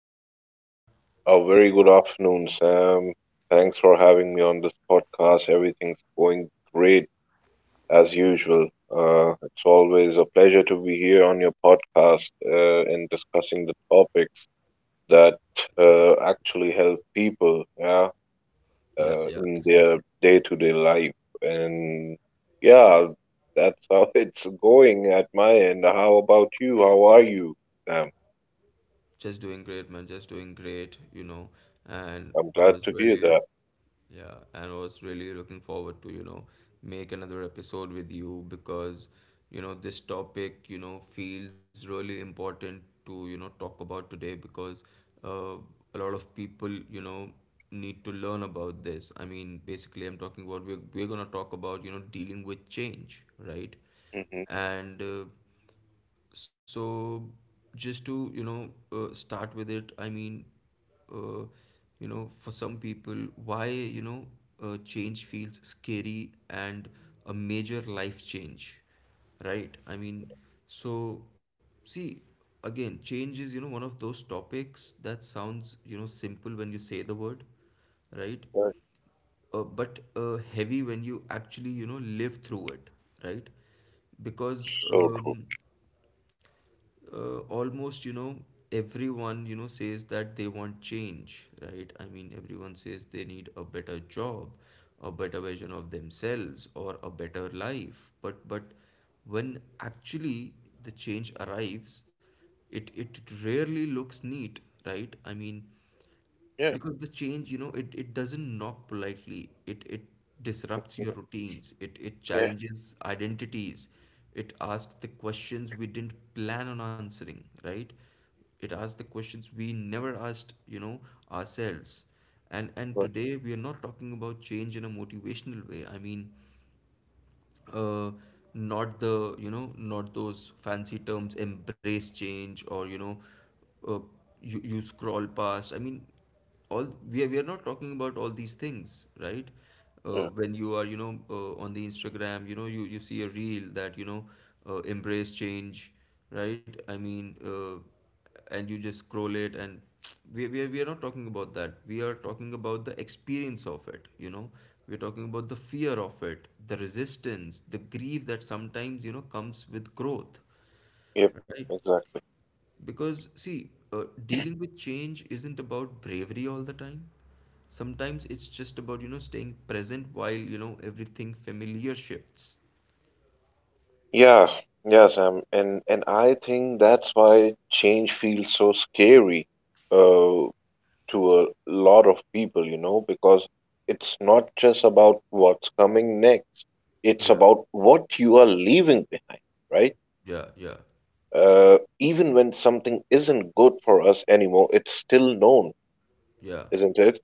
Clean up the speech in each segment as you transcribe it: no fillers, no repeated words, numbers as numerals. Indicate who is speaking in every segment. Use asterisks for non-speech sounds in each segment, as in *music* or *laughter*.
Speaker 1: it going, buddy?
Speaker 2: A very
Speaker 1: Wait,
Speaker 2: good afternoon, Sam. Thanks for having me on this podcast. Everything's going great as usual. It's always a pleasure to be here on your podcast and discussing the topics that actually help people, yeah,
Speaker 1: yeah, yeah,
Speaker 2: in their
Speaker 1: exactly.
Speaker 2: day-to-day life. And yeah, that's how *laughs* it's going at my end. How about you? How are you, Sam?
Speaker 1: Just doing great, man. Just doing great. And
Speaker 2: I'm
Speaker 1: I
Speaker 2: glad
Speaker 1: was
Speaker 2: to hear
Speaker 1: really.
Speaker 2: that.
Speaker 1: Yeah, and was really looking forward to, make another episode with you because this topic feels really important to, talk about today because uh, a lot of people need to learn about this. I mean, basically, I'm talking about we're going to talk about, dealing with change, right?
Speaker 2: hmm
Speaker 1: And so just to start with it. I mean uh, for some people why change feels scary and a major life change, right? I mean so see again, change is, you know, one of those topics that sounds, you know, simple when you say the word, right
Speaker 2: That's
Speaker 1: uh, but uh, heavy when you actually, you know, live through it, right? because
Speaker 2: so true.
Speaker 1: um, uh, almost, you know, everyone, you know, says that they want change, right? I mean, everyone says they need a better job, a better version of themselves or a better life, but when actually the change arrives, it rarely looks neat, right? I mean,
Speaker 2: Yeah.
Speaker 1: because the change, you know, it doesn't knock politely, it disrupts your routines, it
Speaker 2: Yeah,
Speaker 1: challenges identities, it asks the questions we didn't plan on answering, right? It asks the questions we never asked, you know, ourselves. And
Speaker 2: right,
Speaker 1: today we are not talking about change in a motivational way. I mean uh, not the, you know, not those fancy terms, embrace change, or, you know uh, you you scroll past, I mean, all we are, not talking about all these things, right?
Speaker 2: yeah,
Speaker 1: When you are, you know, on the Instagram, you know, you see a reel that, you know, embrace change, right? I mean, and you just scroll it and *tsk* we are not talking about that, we are talking about the experience of it, you know, we're talking about the fear of it, the resistance, the grief that sometimes, you know, comes with growth,
Speaker 2: yep,
Speaker 1: right?
Speaker 2: exactly.
Speaker 1: Because, see, dealing with change isn't about bravery all the time, sometimes it's just about, you know, staying present while, you know, everything familiar shifts.
Speaker 2: Yeah, yeah, Sam, and I think that's why change feels so scary uh, to a lot of people, you know, because it's not just about what's coming next. It's
Speaker 1: Yeah,
Speaker 2: about what you are leaving behind, right?
Speaker 1: yeah, yeah,
Speaker 2: Even when something isn't good for us anymore, it's still known,
Speaker 1: yeah,
Speaker 2: isn't it?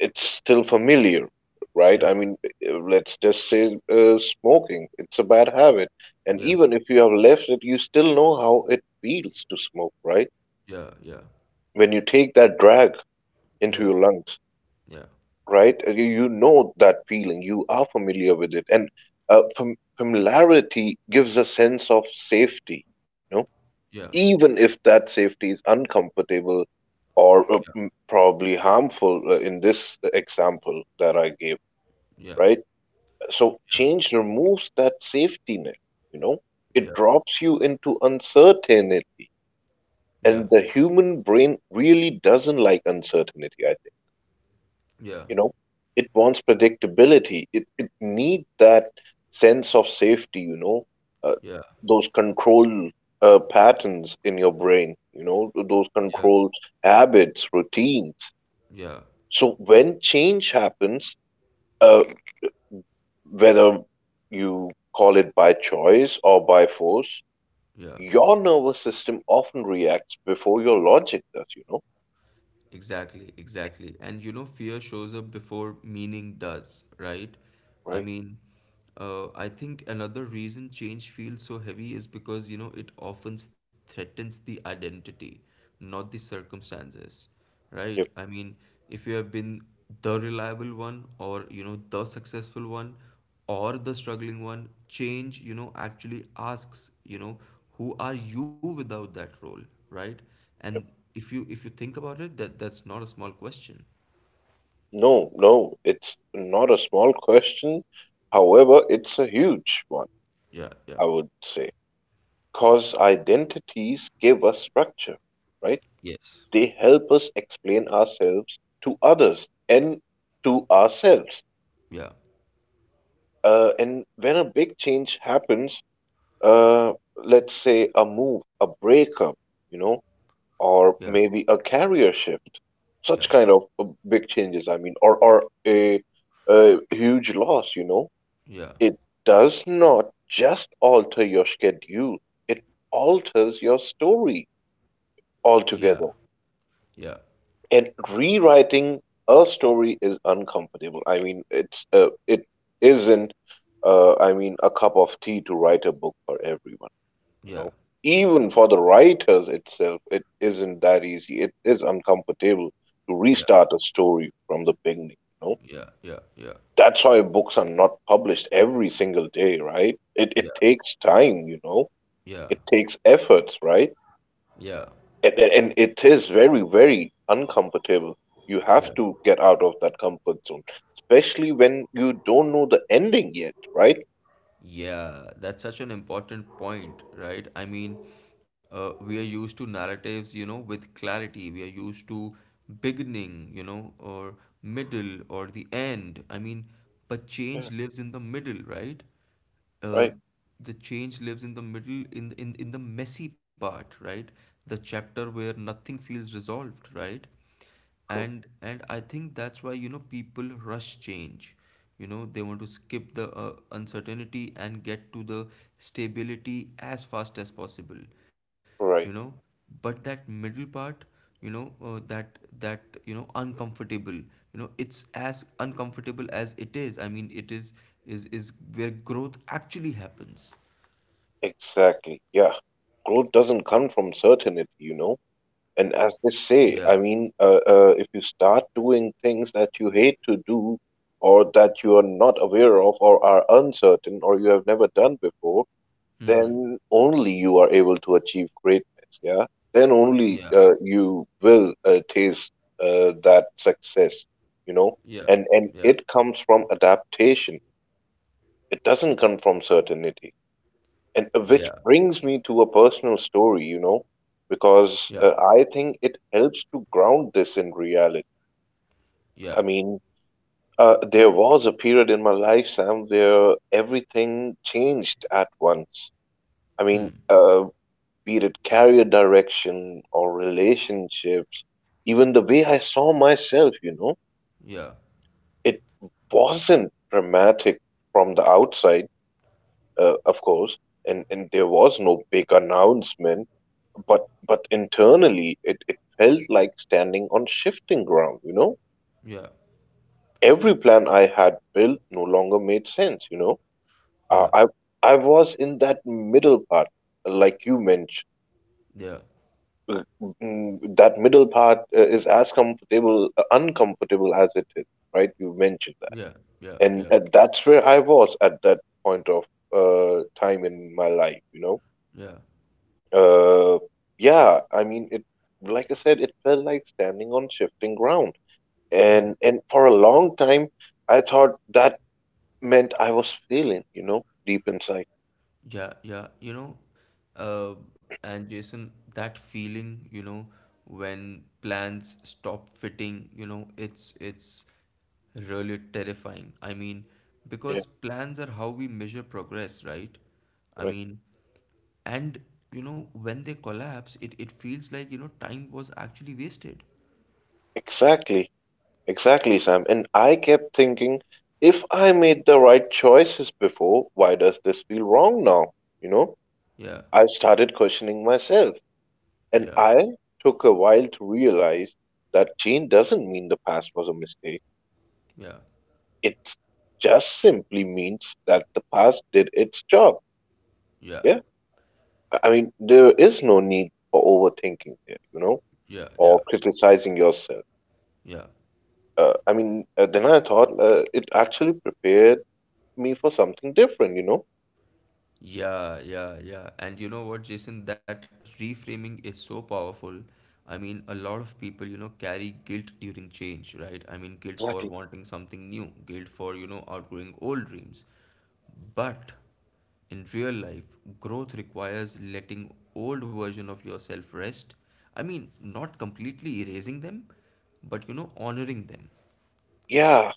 Speaker 2: It's still familiar, right?
Speaker 1: yeah,
Speaker 2: I mean, let's just say smoking, it's a bad habit. And
Speaker 1: yeah,
Speaker 2: even if you have left it, you still know how it feels to smoke, right?
Speaker 1: yeah, yeah,
Speaker 2: When you take that drag into
Speaker 1: yeah,
Speaker 2: your lungs,
Speaker 1: yeah,
Speaker 2: right? You know that feeling, you are familiar with it. And familiarity gives a sense of safety, you know,
Speaker 1: yeah.
Speaker 2: even if that safety is uncomfortable or probably harmful in this example that I gave,
Speaker 1: Yeah,
Speaker 2: right? So
Speaker 1: yeah,
Speaker 2: change removes that safety net, you know, it
Speaker 1: yeah,
Speaker 2: drops you into uncertainty.
Speaker 1: yeah,
Speaker 2: And the human brain really doesn't like uncertainty, I think.
Speaker 1: yeah,
Speaker 2: You know, it wants predictability, it needs that sense of safety, you know, uh,
Speaker 1: yeah,
Speaker 2: those control patterns in your brain, you know, those
Speaker 1: yeah,
Speaker 2: control habits, routines.
Speaker 1: yeah,
Speaker 2: So when change happens, uh, whether you call it by choice or by force,
Speaker 1: yeah.
Speaker 2: your nervous system often reacts before your logic does, you know,
Speaker 1: Exactly, exactly. And, you know, fear shows up before meaning does, right? I
Speaker 2: right?
Speaker 1: mean, I think another reason change feels so heavy is because, you know, it often s- threatens the identity, not the circumstances, right?
Speaker 2: Yep,
Speaker 1: I mean, if you have been the reliable one or, you know, the successful one or the struggling one, change, you know, actually asks, you know, who are you without that role, right? And
Speaker 2: yep.
Speaker 1: if you think about it, that's not a small question.
Speaker 2: No, no, it's not a small question. However, it's a huge one,
Speaker 1: Yeah, yeah.
Speaker 2: I would say, because identities give us structure, right?
Speaker 1: Yes.
Speaker 2: They help us explain ourselves to others and to ourselves.
Speaker 1: Yeah.
Speaker 2: And when a big change happens, uh, let's say a move, a breakup, you know,
Speaker 1: Yeah.
Speaker 2: or maybe a career shift, such
Speaker 1: Yeah.
Speaker 2: kind of big changes, I mean, or a huge loss, you know,
Speaker 1: Yeah.
Speaker 2: it does not just alter your schedule, it alters your story
Speaker 1: Yeah.
Speaker 2: altogether.
Speaker 1: Yeah.
Speaker 2: And rewriting a story is uncomfortable. I mean, it isn't, I mean, a cup of tea to write a book for everyone. You
Speaker 1: Yeah.
Speaker 2: know, even for the writers itself it isn't that easy, it is uncomfortable to
Speaker 1: Yeah.
Speaker 2: restart a story from the beginning, you know.
Speaker 1: Yeah. Yeah. Yeah.
Speaker 2: That's why books are not published every single day, right? it
Speaker 1: Yeah.
Speaker 2: it takes time, you know,
Speaker 1: Yeah.
Speaker 2: it takes efforts, right?
Speaker 1: Yeah.
Speaker 2: And and it is very very uncomfortable, you
Speaker 1: Yeah.
Speaker 2: have to get out of that comfort zone, especially when you don't know the ending yet, right?
Speaker 1: Yeah, that's such an important point, right? I mean, we are used to narratives, you know, with clarity. We are used to beginning, you know, or middle or the end. I mean, but
Speaker 2: Yeah,
Speaker 1: change lives in the middle, right? Uh,
Speaker 2: right,
Speaker 1: the change lives in the middle, in in the messy part, right? The chapter where nothing feels resolved, right?
Speaker 2: true,
Speaker 1: And I think that's why, you know, people rush change. You know, they want to skip the uncertainty and get to the stability as fast as possible, you know,
Speaker 2: right.
Speaker 1: but that middle part, you know, uncomfortable, you know, it's as uncomfortable as it is, I mean, it is, is where growth actually happens.
Speaker 2: Exactly. Yeah. Growth doesn't come from certainty, you know.
Speaker 1: Yeah,
Speaker 2: And as they say, I mean, if you start doing things that you hate to do or that you are not aware of or are uncertain or you have never done before, then only you are able to achieve greatness. Yeah. Then
Speaker 1: yeah,
Speaker 2: only you will taste that success, you know.
Speaker 1: yeah, yeah,
Speaker 2: And it comes from adaptation. It doesn't come from certainty. And
Speaker 1: yeah,
Speaker 2: which brings me to a personal story, you know,
Speaker 1: yeah,
Speaker 2: because I think it helps to ground this in reality.
Speaker 1: yeah,
Speaker 2: I mean, there was a period in my life, Sam, where everything changed at once. I mean, be it career direction or relationships, even the way I saw myself, you know,
Speaker 1: yeah,
Speaker 2: it wasn't dramatic from the outside, of course, and there was no big announcement. But internally, it felt like standing on shifting ground, you know?
Speaker 1: yeah,
Speaker 2: Every plan I had built no longer made sense, you know? Uh,
Speaker 1: yeah,
Speaker 2: I, I was in that middle part, like you mentioned.
Speaker 1: yeah.
Speaker 2: Uh, That middle part is as uncomfortable as it is, right? You mentioned that.
Speaker 1: Yeah, yeah,
Speaker 2: And
Speaker 1: yeah,
Speaker 2: that's where I was at that point of time in my life, you know?
Speaker 1: yeah,
Speaker 2: Uh, yeah, I mean, it, like I said, it felt like standing on shifting ground.
Speaker 1: yeah,
Speaker 2: And for a long time, I thought that meant I was failing, you know, deep inside.
Speaker 1: yeah, yeah. You know, uh, and Jason, that feeling, you know, when plans stop fitting, you know, it's really terrifying. I mean,
Speaker 2: Yeah,
Speaker 1: because plans are how we measure progress, right? I
Speaker 2: right.
Speaker 1: mean, and you know, when they collapse, it feels like, you know, time was actually wasted.
Speaker 2: Exactly. Exactly, Sam. And I kept thinking, if I made the right choices before, why does this feel wrong now? You know,
Speaker 1: Yeah,
Speaker 2: I started questioning myself.
Speaker 1: yeah,
Speaker 2: And I took a while to realize that change doesn't mean the past was a mistake.
Speaker 1: yeah,
Speaker 2: It just simply means that the past did its job.
Speaker 1: yeah,
Speaker 2: Yeah. I mean, there is no need for overthinking there, you know,
Speaker 1: yeah, yeah,
Speaker 2: or criticizing yourself.
Speaker 1: yeah.
Speaker 2: Then I thought it actually prepared me for something different, you know.
Speaker 1: Yeah, yeah, yeah. And you know what, Jason, that reframing is so powerful. I mean, a lot of people, you know, carry guilt during change, right? I mean, guilt for
Speaker 2: Exactly.
Speaker 1: wanting something new, guilt for, you know, outgrowing old dreams. But in real life, growth requires letting old version of yourself rest. I mean, not completely erasing them, but you know, honoring them.
Speaker 2: Yeah,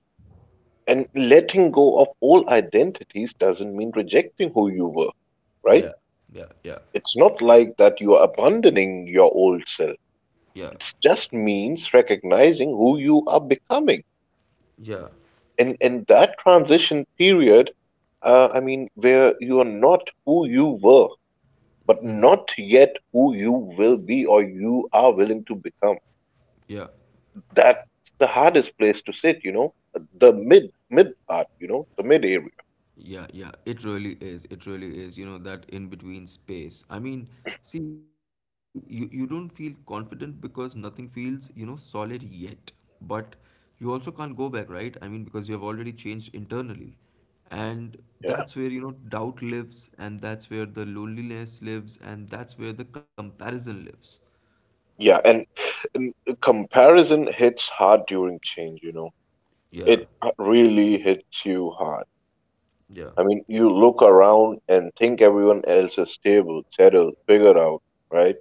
Speaker 2: and letting go of all identities doesn't mean rejecting who you were, right?
Speaker 1: Yeah, yeah, yeah,
Speaker 2: It's not like that you are abandoning your old self.
Speaker 1: yeah,
Speaker 2: It just means recognizing who you are becoming.
Speaker 1: yeah,
Speaker 2: And that transition period, I mean, where you are not who you were but not yet who you will be or you are willing to become.
Speaker 1: yeah.
Speaker 2: That's the hardest place to sit, you know, the mid part, you know, the mid area.
Speaker 1: Yeah, yeah, it really is. It really is, you know, that in between space. I mean, see, you don't feel confident because nothing feels, you know, solid yet. But you also can't go back, right? I mean, because you have already changed internally. And that's
Speaker 2: Yeah,
Speaker 1: where, you know, doubt lives, and that's where the loneliness lives, and that's where the comparison lives.
Speaker 2: yeah, and comparison hits hard during change. You know,
Speaker 1: Yeah,
Speaker 2: it really hits you hard.
Speaker 1: yeah,
Speaker 2: I mean, you look around and think everyone else is stable, settled, figured out, right?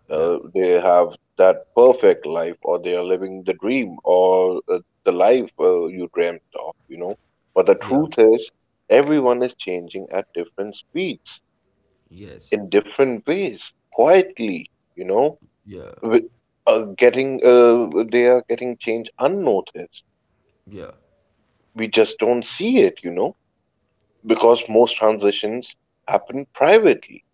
Speaker 1: yeah,
Speaker 2: They have that perfect life, or they are living the dream, or the life you dreamt of, you know. But the
Speaker 1: yeah,
Speaker 2: truth is, everyone is changing at different speeds,
Speaker 1: yes,
Speaker 2: in different ways, quietly, you know,
Speaker 1: yeah,
Speaker 2: with, getting they are getting change unnoticed.
Speaker 1: yeah.
Speaker 2: We just don't see it, you know, because most transitions happen privately.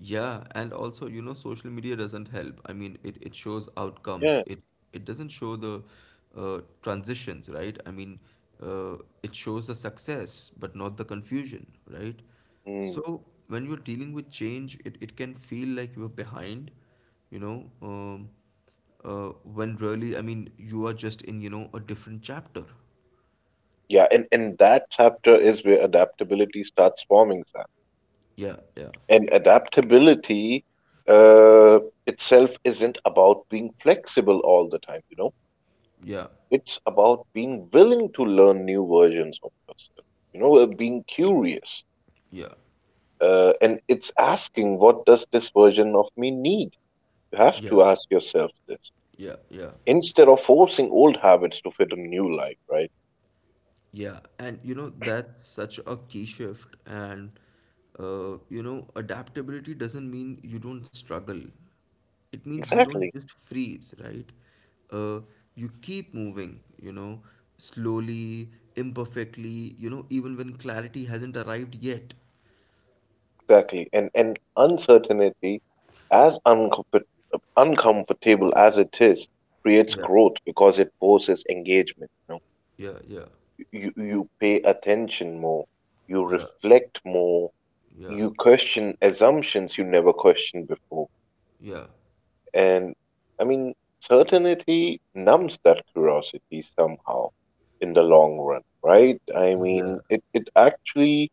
Speaker 1: Yeah, and also, you know, social media doesn't help. I mean, it shows outcomes.
Speaker 2: Yeah.
Speaker 1: It doesn't show the transitions, right? I mean, it shows the success, but not the confusion, right?
Speaker 2: Mm.
Speaker 1: So when you're dealing with change, it can feel like you're behind, you know, when really, I mean, you are just in, you know, a different chapter.
Speaker 2: Yeah, and that chapter is where adaptability starts forming.
Speaker 1: Yeah, yeah,
Speaker 2: And adaptability uh, itself isn't about being flexible all the time, you know.
Speaker 1: yeah,
Speaker 2: It's about being willing to learn new versions of yourself, you know, being curious.
Speaker 1: yeah,
Speaker 2: And it's asking, what does this version of me need? You have
Speaker 1: yeah,
Speaker 2: to ask yourself this
Speaker 1: yeah, yeah.
Speaker 2: instead of forcing old habits to fit a new life, right?
Speaker 1: Yeah, and you know, that's such a key shift. And you know, adaptability doesn't mean you don't struggle, it means you don't
Speaker 2: Exactly.
Speaker 1: just freeze, right? Uh, you keep moving, you know, slowly, imperfectly, you know, even when clarity hasn't arrived yet.
Speaker 2: Exactly. And uncertainty, as uncomfortable as it is, creates
Speaker 1: Yeah,
Speaker 2: growth because it forces engagement. You know?
Speaker 1: yeah, yeah,
Speaker 2: You pay attention more, you
Speaker 1: yeah,
Speaker 2: reflect more,
Speaker 1: yeah,
Speaker 2: you question assumptions you never questioned before.
Speaker 1: yeah,
Speaker 2: And I mean, certainty numbs that curiosity somehow in the long run, right? I mean,
Speaker 1: yeah.
Speaker 2: it actually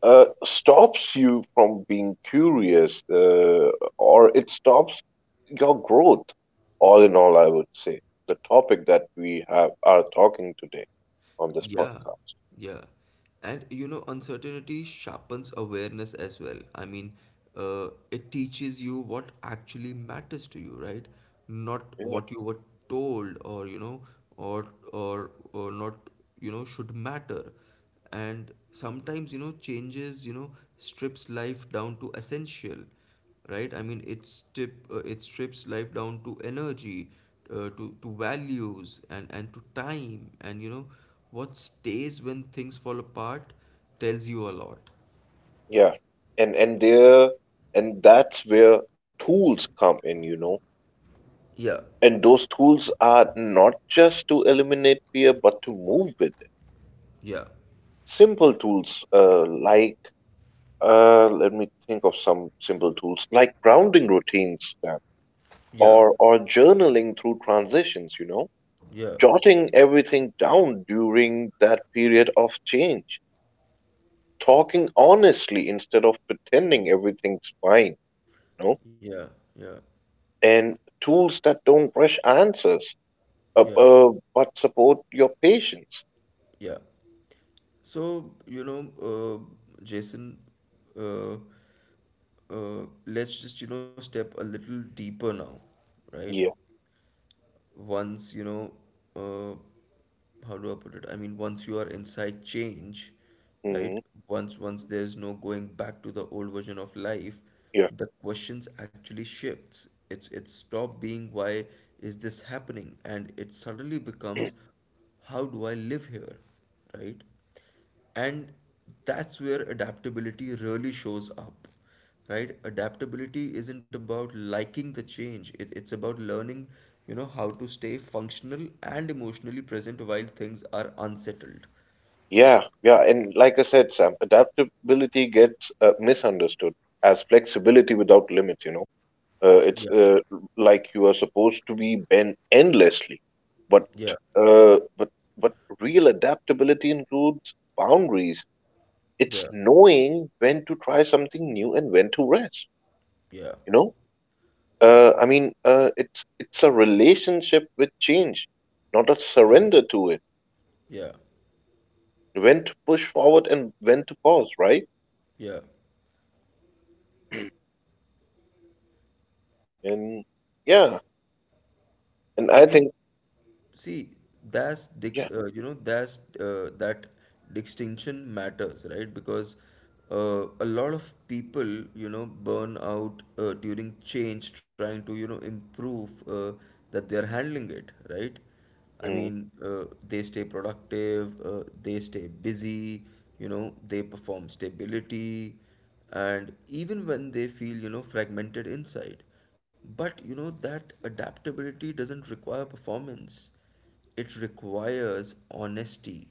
Speaker 2: stops you from being curious, or it stops your growth. All in all, I would say the topic that we have are talking today on this
Speaker 1: Yeah,
Speaker 2: podcast.
Speaker 1: yeah. And you know, uncertainty sharpens awareness as well. I mean, it teaches you what actually matters to you, right? Not
Speaker 2: Yeah,
Speaker 1: what you were told or, you know, or or not, you know, should matter. And sometimes, you know, changes, you know, strips life down to essential, right? I mean, it strips life down to energy, to values and to time, and you know what stays when things fall apart tells you a lot.
Speaker 2: yeah, and and there, and that's where tools come in, you know.
Speaker 1: Yeah,
Speaker 2: And those tools are not just to eliminate fear, but to move with it.
Speaker 1: yeah,
Speaker 2: Simple tools like, let me think of some simple tools like grounding routines then,
Speaker 1: yeah,
Speaker 2: or journaling through transitions, you know,
Speaker 1: yeah,
Speaker 2: jotting everything down during that period of change, talking honestly instead of pretending everything's fine, you know,
Speaker 1: yeah, yeah,
Speaker 2: and tools that don't rush answers, uh,
Speaker 1: yeah,
Speaker 2: uh, but support your patience.
Speaker 1: yeah. So, you know, Jason, uh, let's just, you know, step a little deeper now, right?
Speaker 2: Yeah.
Speaker 1: Once, you know, uh, how do I put it? I mean, once you are inside change, right?
Speaker 2: Mhm.
Speaker 1: Once there is no going back to the old version of life,
Speaker 2: Yeah.
Speaker 1: the questions actually shifts. It's it stop being why is this happening? And it suddenly becomes how do I live here? Right? And that's where adaptability really shows up, right? Adaptability isn't about liking the change, it's about learning, you know, how to stay functional and emotionally present while things are unsettled.
Speaker 2: Yeah, yeah, and like I said, Sam, adaptability gets misunderstood as flexibility without limits, you know. Uh, it's
Speaker 1: Yeah,
Speaker 2: uh, like you are supposed to be bent endlessly, but
Speaker 1: yeah,
Speaker 2: uh, but but real adaptability includes boundaries. It's
Speaker 1: yeah,
Speaker 2: knowing when to try something new and when to rest.
Speaker 1: yeah,
Speaker 2: You know, it's a relationship with change, not a
Speaker 1: yeah,
Speaker 2: surrender to it.
Speaker 1: yeah,
Speaker 2: When to push forward and when to pause, right?
Speaker 1: yeah.
Speaker 2: And yeah, and
Speaker 1: i
Speaker 2: I
Speaker 1: mean
Speaker 2: think
Speaker 1: See,
Speaker 2: yeah.
Speaker 1: you know that distinction matters, right? Because a lot of people, you know, burn out during change, trying to, you know, improve that they're handling it, right? I
Speaker 2: Mm.
Speaker 1: mean, they stay productive, they stay busy, you know, they perform stability, and even when they feel, you know, fragmented inside. But you know that adaptability doesn't require performance. It requires honesty.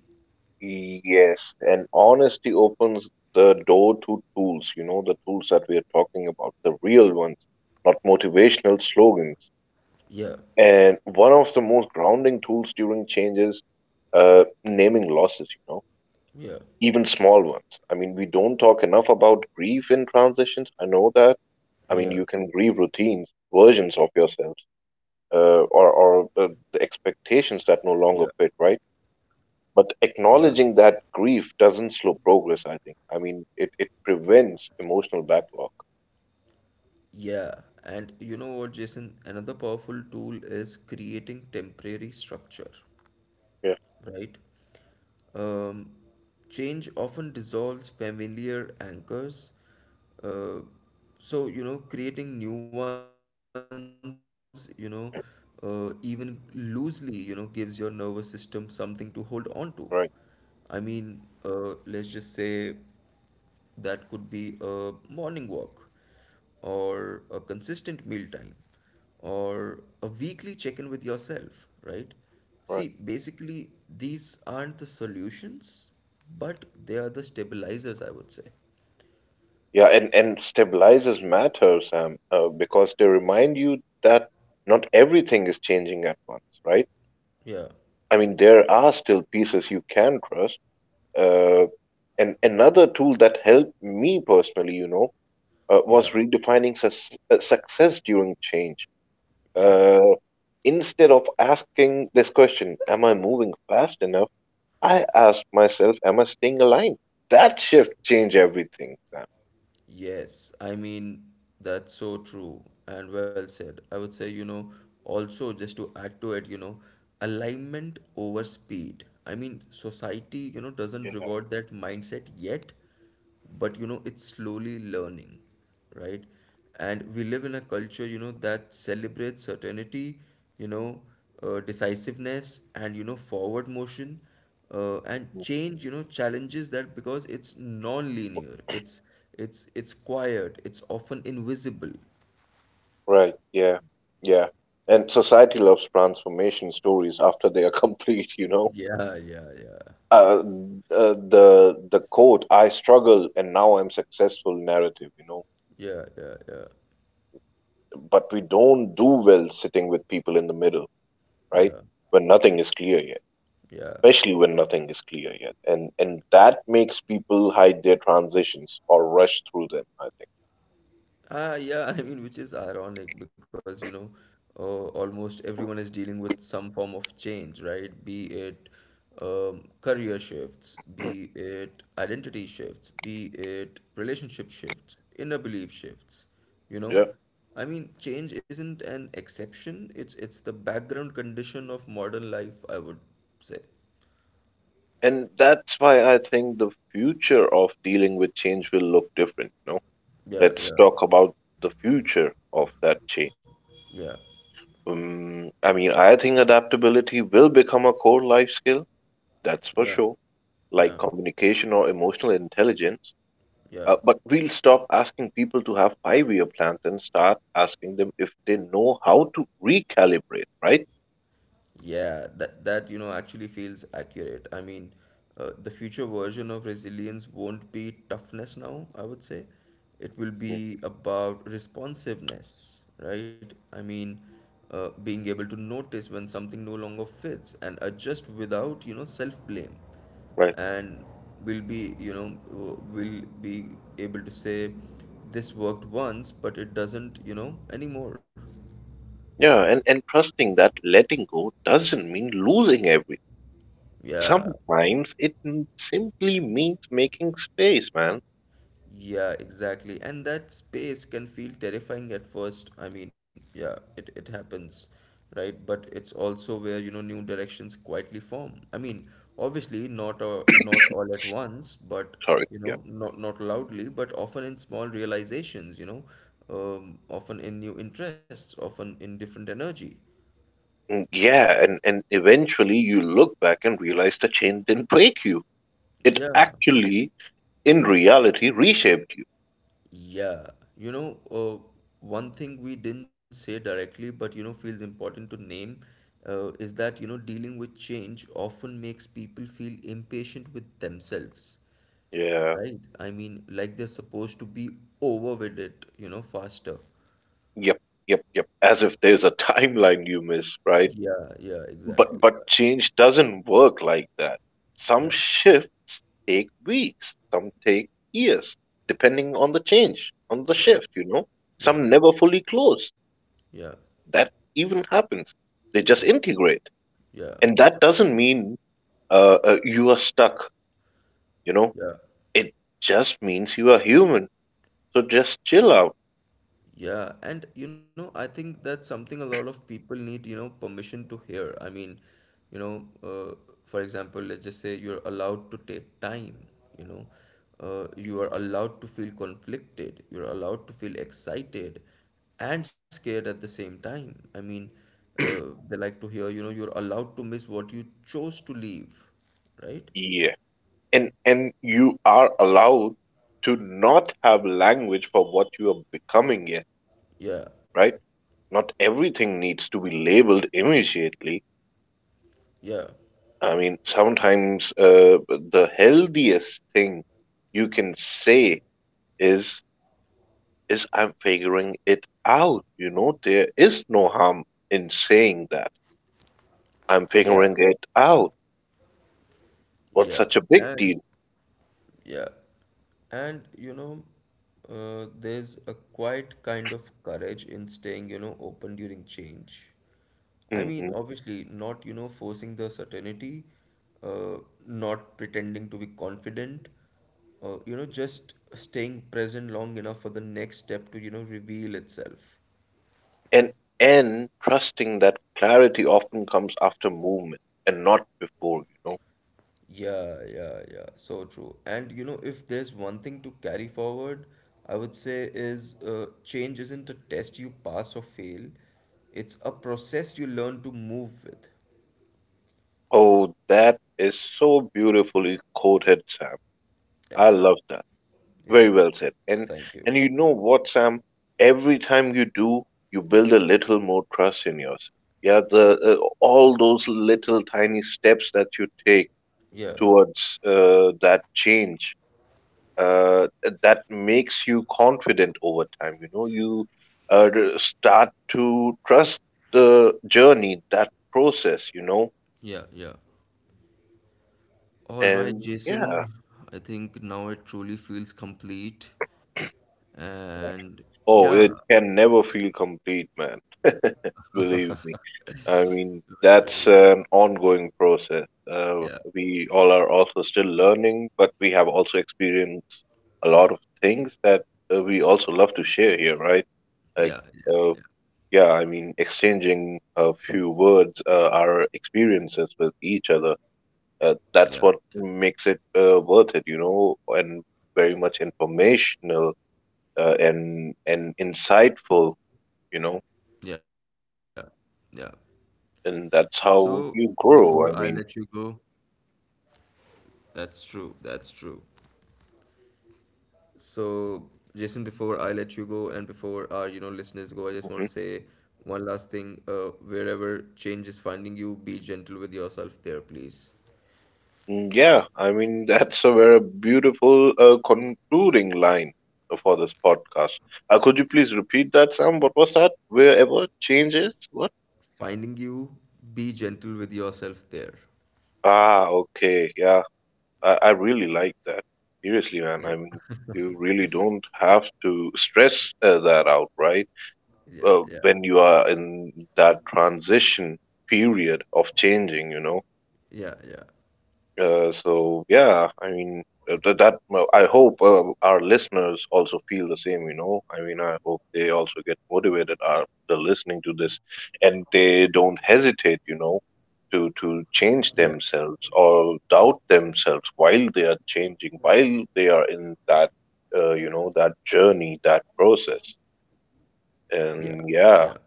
Speaker 2: Yes, and honesty opens the door to tools, you know, the tools that we are talking about, the real ones, not motivational slogans.
Speaker 1: Yeah,
Speaker 2: And one of the most grounding tools during change is naming losses, you know,
Speaker 1: yeah,
Speaker 2: even small ones. I mean, we don't talk enough about grief in transitions. I know that. I mean, you
Speaker 1: yeah,
Speaker 2: can grieve routines, versions of yourselves, uh,
Speaker 1: yeah,
Speaker 2: or, or uh, the expectations that no longer fit, right?
Speaker 1: yeah,
Speaker 2: But acknowledging that grief doesn't slow progress, I think. I mean, it prevents emotional backlog.
Speaker 1: yeah. And you know what, Jason? Another powerful tool is creating temporary structure,
Speaker 2: Yeah,
Speaker 1: right? Um, Change often dissolves familiar anchors. Uh, so, you know, creating new ones, you know, even loosely, you know, gives your nervous system something to hold on to. I mean,
Speaker 2: right,
Speaker 1: let's just say that could be a morning walk, or a consistent meal time, or a weekly check in with yourself, right? See,
Speaker 2: right.
Speaker 1: basically, these aren't the solutions, but they are the stabilizers, I would say.
Speaker 2: Yeah, and stabilizes matter, Sam, because they remind you that not everything is changing at once, right?
Speaker 1: Yeah,
Speaker 2: I mean, there are still pieces you can trust. Uh, and another tool that helped me personally, you know, uh,
Speaker 1: yeah,
Speaker 2: was redefining sus- uh, success during change.
Speaker 1: yeah.
Speaker 2: Uh, instead of asking this question, am I moving fast enough? I asked myself, am I staying aligned? That shift changed everything, Sam.
Speaker 1: Yes, I mean, that's so true and well said. I would say, you know, also just to add to it, you know, alignment over speed. I mean, society, you know,
Speaker 2: You
Speaker 1: doesn't
Speaker 2: know.
Speaker 1: reward that mindset yet, but you know, it's slowly learning, right? And we live in a culture, you know, that celebrates certainty, you know, decisiveness, and you know, forward motion, and
Speaker 2: Mm.
Speaker 1: change, you know, challenges that because it's non-linear, it's quiet, it's often invisible.
Speaker 2: Right. Yeah. Yeah. And society loves transformation stories after they are *laughs* complete. You know.
Speaker 1: Yeah, yeah, yeah,
Speaker 2: Uh, the quote "I struggle and now I'm successful" narrative. You know.
Speaker 1: yeah, yeah,
Speaker 2: But we don't do well sitting with people in the middle,
Speaker 1: yeah,
Speaker 2: right?
Speaker 1: yeah,
Speaker 2: When nothing is clear yet.
Speaker 1: yeah.
Speaker 2: Especially when nothing is clear yet, and that makes people hide their transitions or rush through them, I think.
Speaker 1: Ah, yeah, *laughs* I mean, which is ironic because, you know, uh, almost everyone is dealing with some form of change, right? Be it career shifts, be it identity shifts, be it relationship shifts, inner belief shifts, you
Speaker 2: Yeah.
Speaker 1: know? I mean, change isn't an exception, it's the background condition of modern life, I would say.
Speaker 2: And that's why I think the future of dealing with change will look different, you know.
Speaker 1: Yeah,
Speaker 2: Let's
Speaker 1: yeah,
Speaker 2: talk about the future of that change.
Speaker 1: yeah,
Speaker 2: I mean, I think adaptability will become a core life skill, that's for
Speaker 1: yeah,
Speaker 2: sure,
Speaker 1: yeah,
Speaker 2: like communication or emotional intelligence.
Speaker 1: yeah.
Speaker 2: But we'll stop asking people to have 5 year plans and start asking them if they know how to recalibrate, right?
Speaker 1: Yeah, that you know actually feels accurate. I mean, the future version of resilience won't be toughness now, I would say. It will
Speaker 2: Mm.
Speaker 1: be about responsiveness, right? I mean, being able to notice when something no longer fits and adjust without, you know, self-blame.
Speaker 2: Right.
Speaker 1: And we'll be, you know, we'll be able to say this worked once, but it doesn't, you know, anymore.
Speaker 2: Yeah, and trusting that letting go doesn't mean losing everything.
Speaker 1: Yeah,
Speaker 2: Sometimes it simply means making space, man.
Speaker 1: yeah, exactly. And that space can feel terrifying at first. I mean, yeah, it happens, right? But it's also where, you know, new directions quietly form. I mean, obviously not not all at once, but
Speaker 2: Sorry.
Speaker 1: you
Speaker 2: Yeah.
Speaker 1: know, not not loudly, but often in small realizations, you know, often in new interests, often in different energy.
Speaker 2: Mm. Yeah, and eventually you look back and realize the chain didn't break you. It
Speaker 1: Yeah.
Speaker 2: actually, in reality, reshaped you.
Speaker 1: Yeah, you know, one thing we didn't say directly, but you know, feels important to name, is that you know, dealing with change often makes people feel impatient with themselves,
Speaker 2: Yeah.
Speaker 1: right? I mean, like they're supposed to be over with it, you know, faster.
Speaker 2: Yep, yep. As if there's a timeline you miss, right?
Speaker 1: Yeah, yeah, exactly.
Speaker 2: But
Speaker 1: Yeah,
Speaker 2: but change doesn't work like that. Some
Speaker 1: yeah,
Speaker 2: shifts take weeks, some take years, depending on the change, on the
Speaker 1: yeah,
Speaker 2: shift, you know.
Speaker 1: yeah,
Speaker 2: Some never fully close,
Speaker 1: yeah,
Speaker 2: that even happens. They just
Speaker 1: yeah,
Speaker 2: integrate.
Speaker 1: yeah,
Speaker 2: And that doesn't mean you are stuck, you know?
Speaker 1: yeah.
Speaker 2: It just means you are human. So just chill out.
Speaker 1: Yeah, and you know, I think that's something a lot of people need, you know, permission to hear. I mean, you know, for example, let's just say you're allowed to take time, you know, you are allowed to feel conflicted, you're allowed to feel excited and scared at the same time. I mean, they like to hear, you know, you're allowed to miss what you chose to leave, right?
Speaker 2: Yeah. And you are allowed to not have language for what you are becoming yet,
Speaker 1: Yeah,
Speaker 2: right? Not everything needs to be labeled immediately.
Speaker 1: yeah,
Speaker 2: I mean, sometimes the healthiest thing you can say is I'm figuring it out. You know, there is no harm in saying that. I'm figuring
Speaker 1: yeah,
Speaker 2: it out. What's
Speaker 1: yeah.
Speaker 2: such a big
Speaker 1: And
Speaker 2: deal?
Speaker 1: yeah. And you know, there's a quiet kind of courage in staying, you know, open during change. I mean,
Speaker 2: Hmm.
Speaker 1: obviously, not, you know, forcing the certainty, uh, not pretending to be confident, you know, just staying present long enough for the next step to, you know, reveal itself.
Speaker 2: And and trusting that clarity often comes after movement and not before, you know.
Speaker 1: Yeah, yeah, yeah. So true. And you know, if there's one thing to carry forward, I would say is change isn't a test you pass or fail. It's a process you learn to move with.
Speaker 2: Oh, that is so beautifully quoted, Sam.
Speaker 1: Yeah,
Speaker 2: I love that.
Speaker 1: yeah.
Speaker 2: Very well said. And
Speaker 1: Thank you.
Speaker 2: and you know what, Sam? Every time you do, you build a little more trust in yourself. Yeah, the all those little tiny steps that you take
Speaker 1: Yeah.
Speaker 2: towards that change uh, that makes you confident over time. You know, you start to trust the journey, that process. You know,
Speaker 1: Yeah, yeah. All right,
Speaker 2: and yeah.
Speaker 1: Jason. I think now it truly feels complete. And
Speaker 2: Oh,
Speaker 1: yeah,
Speaker 2: it can never feel complete, man. *laughs* Believe me. I
Speaker 1: so
Speaker 2: mean,
Speaker 1: true.
Speaker 2: that's an ongoing process.
Speaker 1: Yes. Yeah,
Speaker 2: We all are also still learning, but we have also experienced a lot of things that we also love to share here, right? Like,
Speaker 1: yeah, yeah,
Speaker 2: uh,
Speaker 1: yeah,
Speaker 2: yeah, I mean, exchanging a few words, our experiences with each other.
Speaker 1: yeah,
Speaker 2: That's
Speaker 1: yeah,
Speaker 2: what makes it worth it, you know, and very much informational and insightful, you
Speaker 1: yeah,
Speaker 2: know,
Speaker 1: yeah. So
Speaker 2: and
Speaker 1: before
Speaker 2: that's
Speaker 1: I let
Speaker 2: how
Speaker 1: you
Speaker 2: you
Speaker 1: go,
Speaker 2: grow. I mean,
Speaker 1: that's true. That's true. So, Jason, before I let you go and before our, you know, listeners go, I just want to say
Speaker 2: mhm.
Speaker 1: one last thing. Wherever change is finding you, be gentle with yourself there, please.
Speaker 2: Mm, yeah, I mean, *laughs* that's a very beautiful concluding line for this podcast. Could you please repeat that, Sam? What was that? Wherever changes? What?
Speaker 1: Finding you, be gentle with yourself there.
Speaker 2: Ah, okay, yeah, I really like that. Seriously,
Speaker 1: Yeah,
Speaker 2: man, I mean, you really don't have to stress that out, right?
Speaker 1: yeah, yeah,
Speaker 2: When you are in that transition period of changing, you know.
Speaker 1: yeah, yeah,
Speaker 2: So yeah, I mean, that, well, I hope our listeners also feel the same, you know. I mean, I hope they also get motivated after listening to this and they don't hesitate, you know, to
Speaker 1: yeah,
Speaker 2: to change themselves or doubt themselves while they are changing, while they are in that you know, that journey, that process.
Speaker 1: yeah, yeah,
Speaker 2: And
Speaker 1: for
Speaker 2: yeah,
Speaker 1: sure.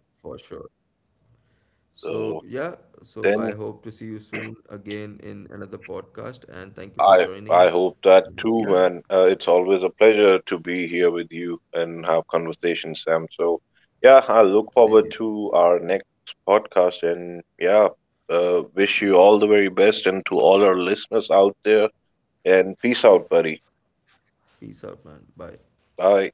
Speaker 1: So, yeah,
Speaker 2: so
Speaker 1: so I hope to see you
Speaker 2: then
Speaker 1: soon again in another podcast and thank you for joining.
Speaker 2: I
Speaker 1: And
Speaker 2: hope
Speaker 1: yeah,
Speaker 2: that too, man. It's always a pleasure to be here with you and have conversations, Sam. So, yeah,
Speaker 1: same
Speaker 2: I
Speaker 1: here.
Speaker 2: look forward to our next podcast, and yeah, wish you all the very best, and to all our listeners out there. And peace out, buddy.
Speaker 1: Peace out, man. Bye.
Speaker 2: Bye.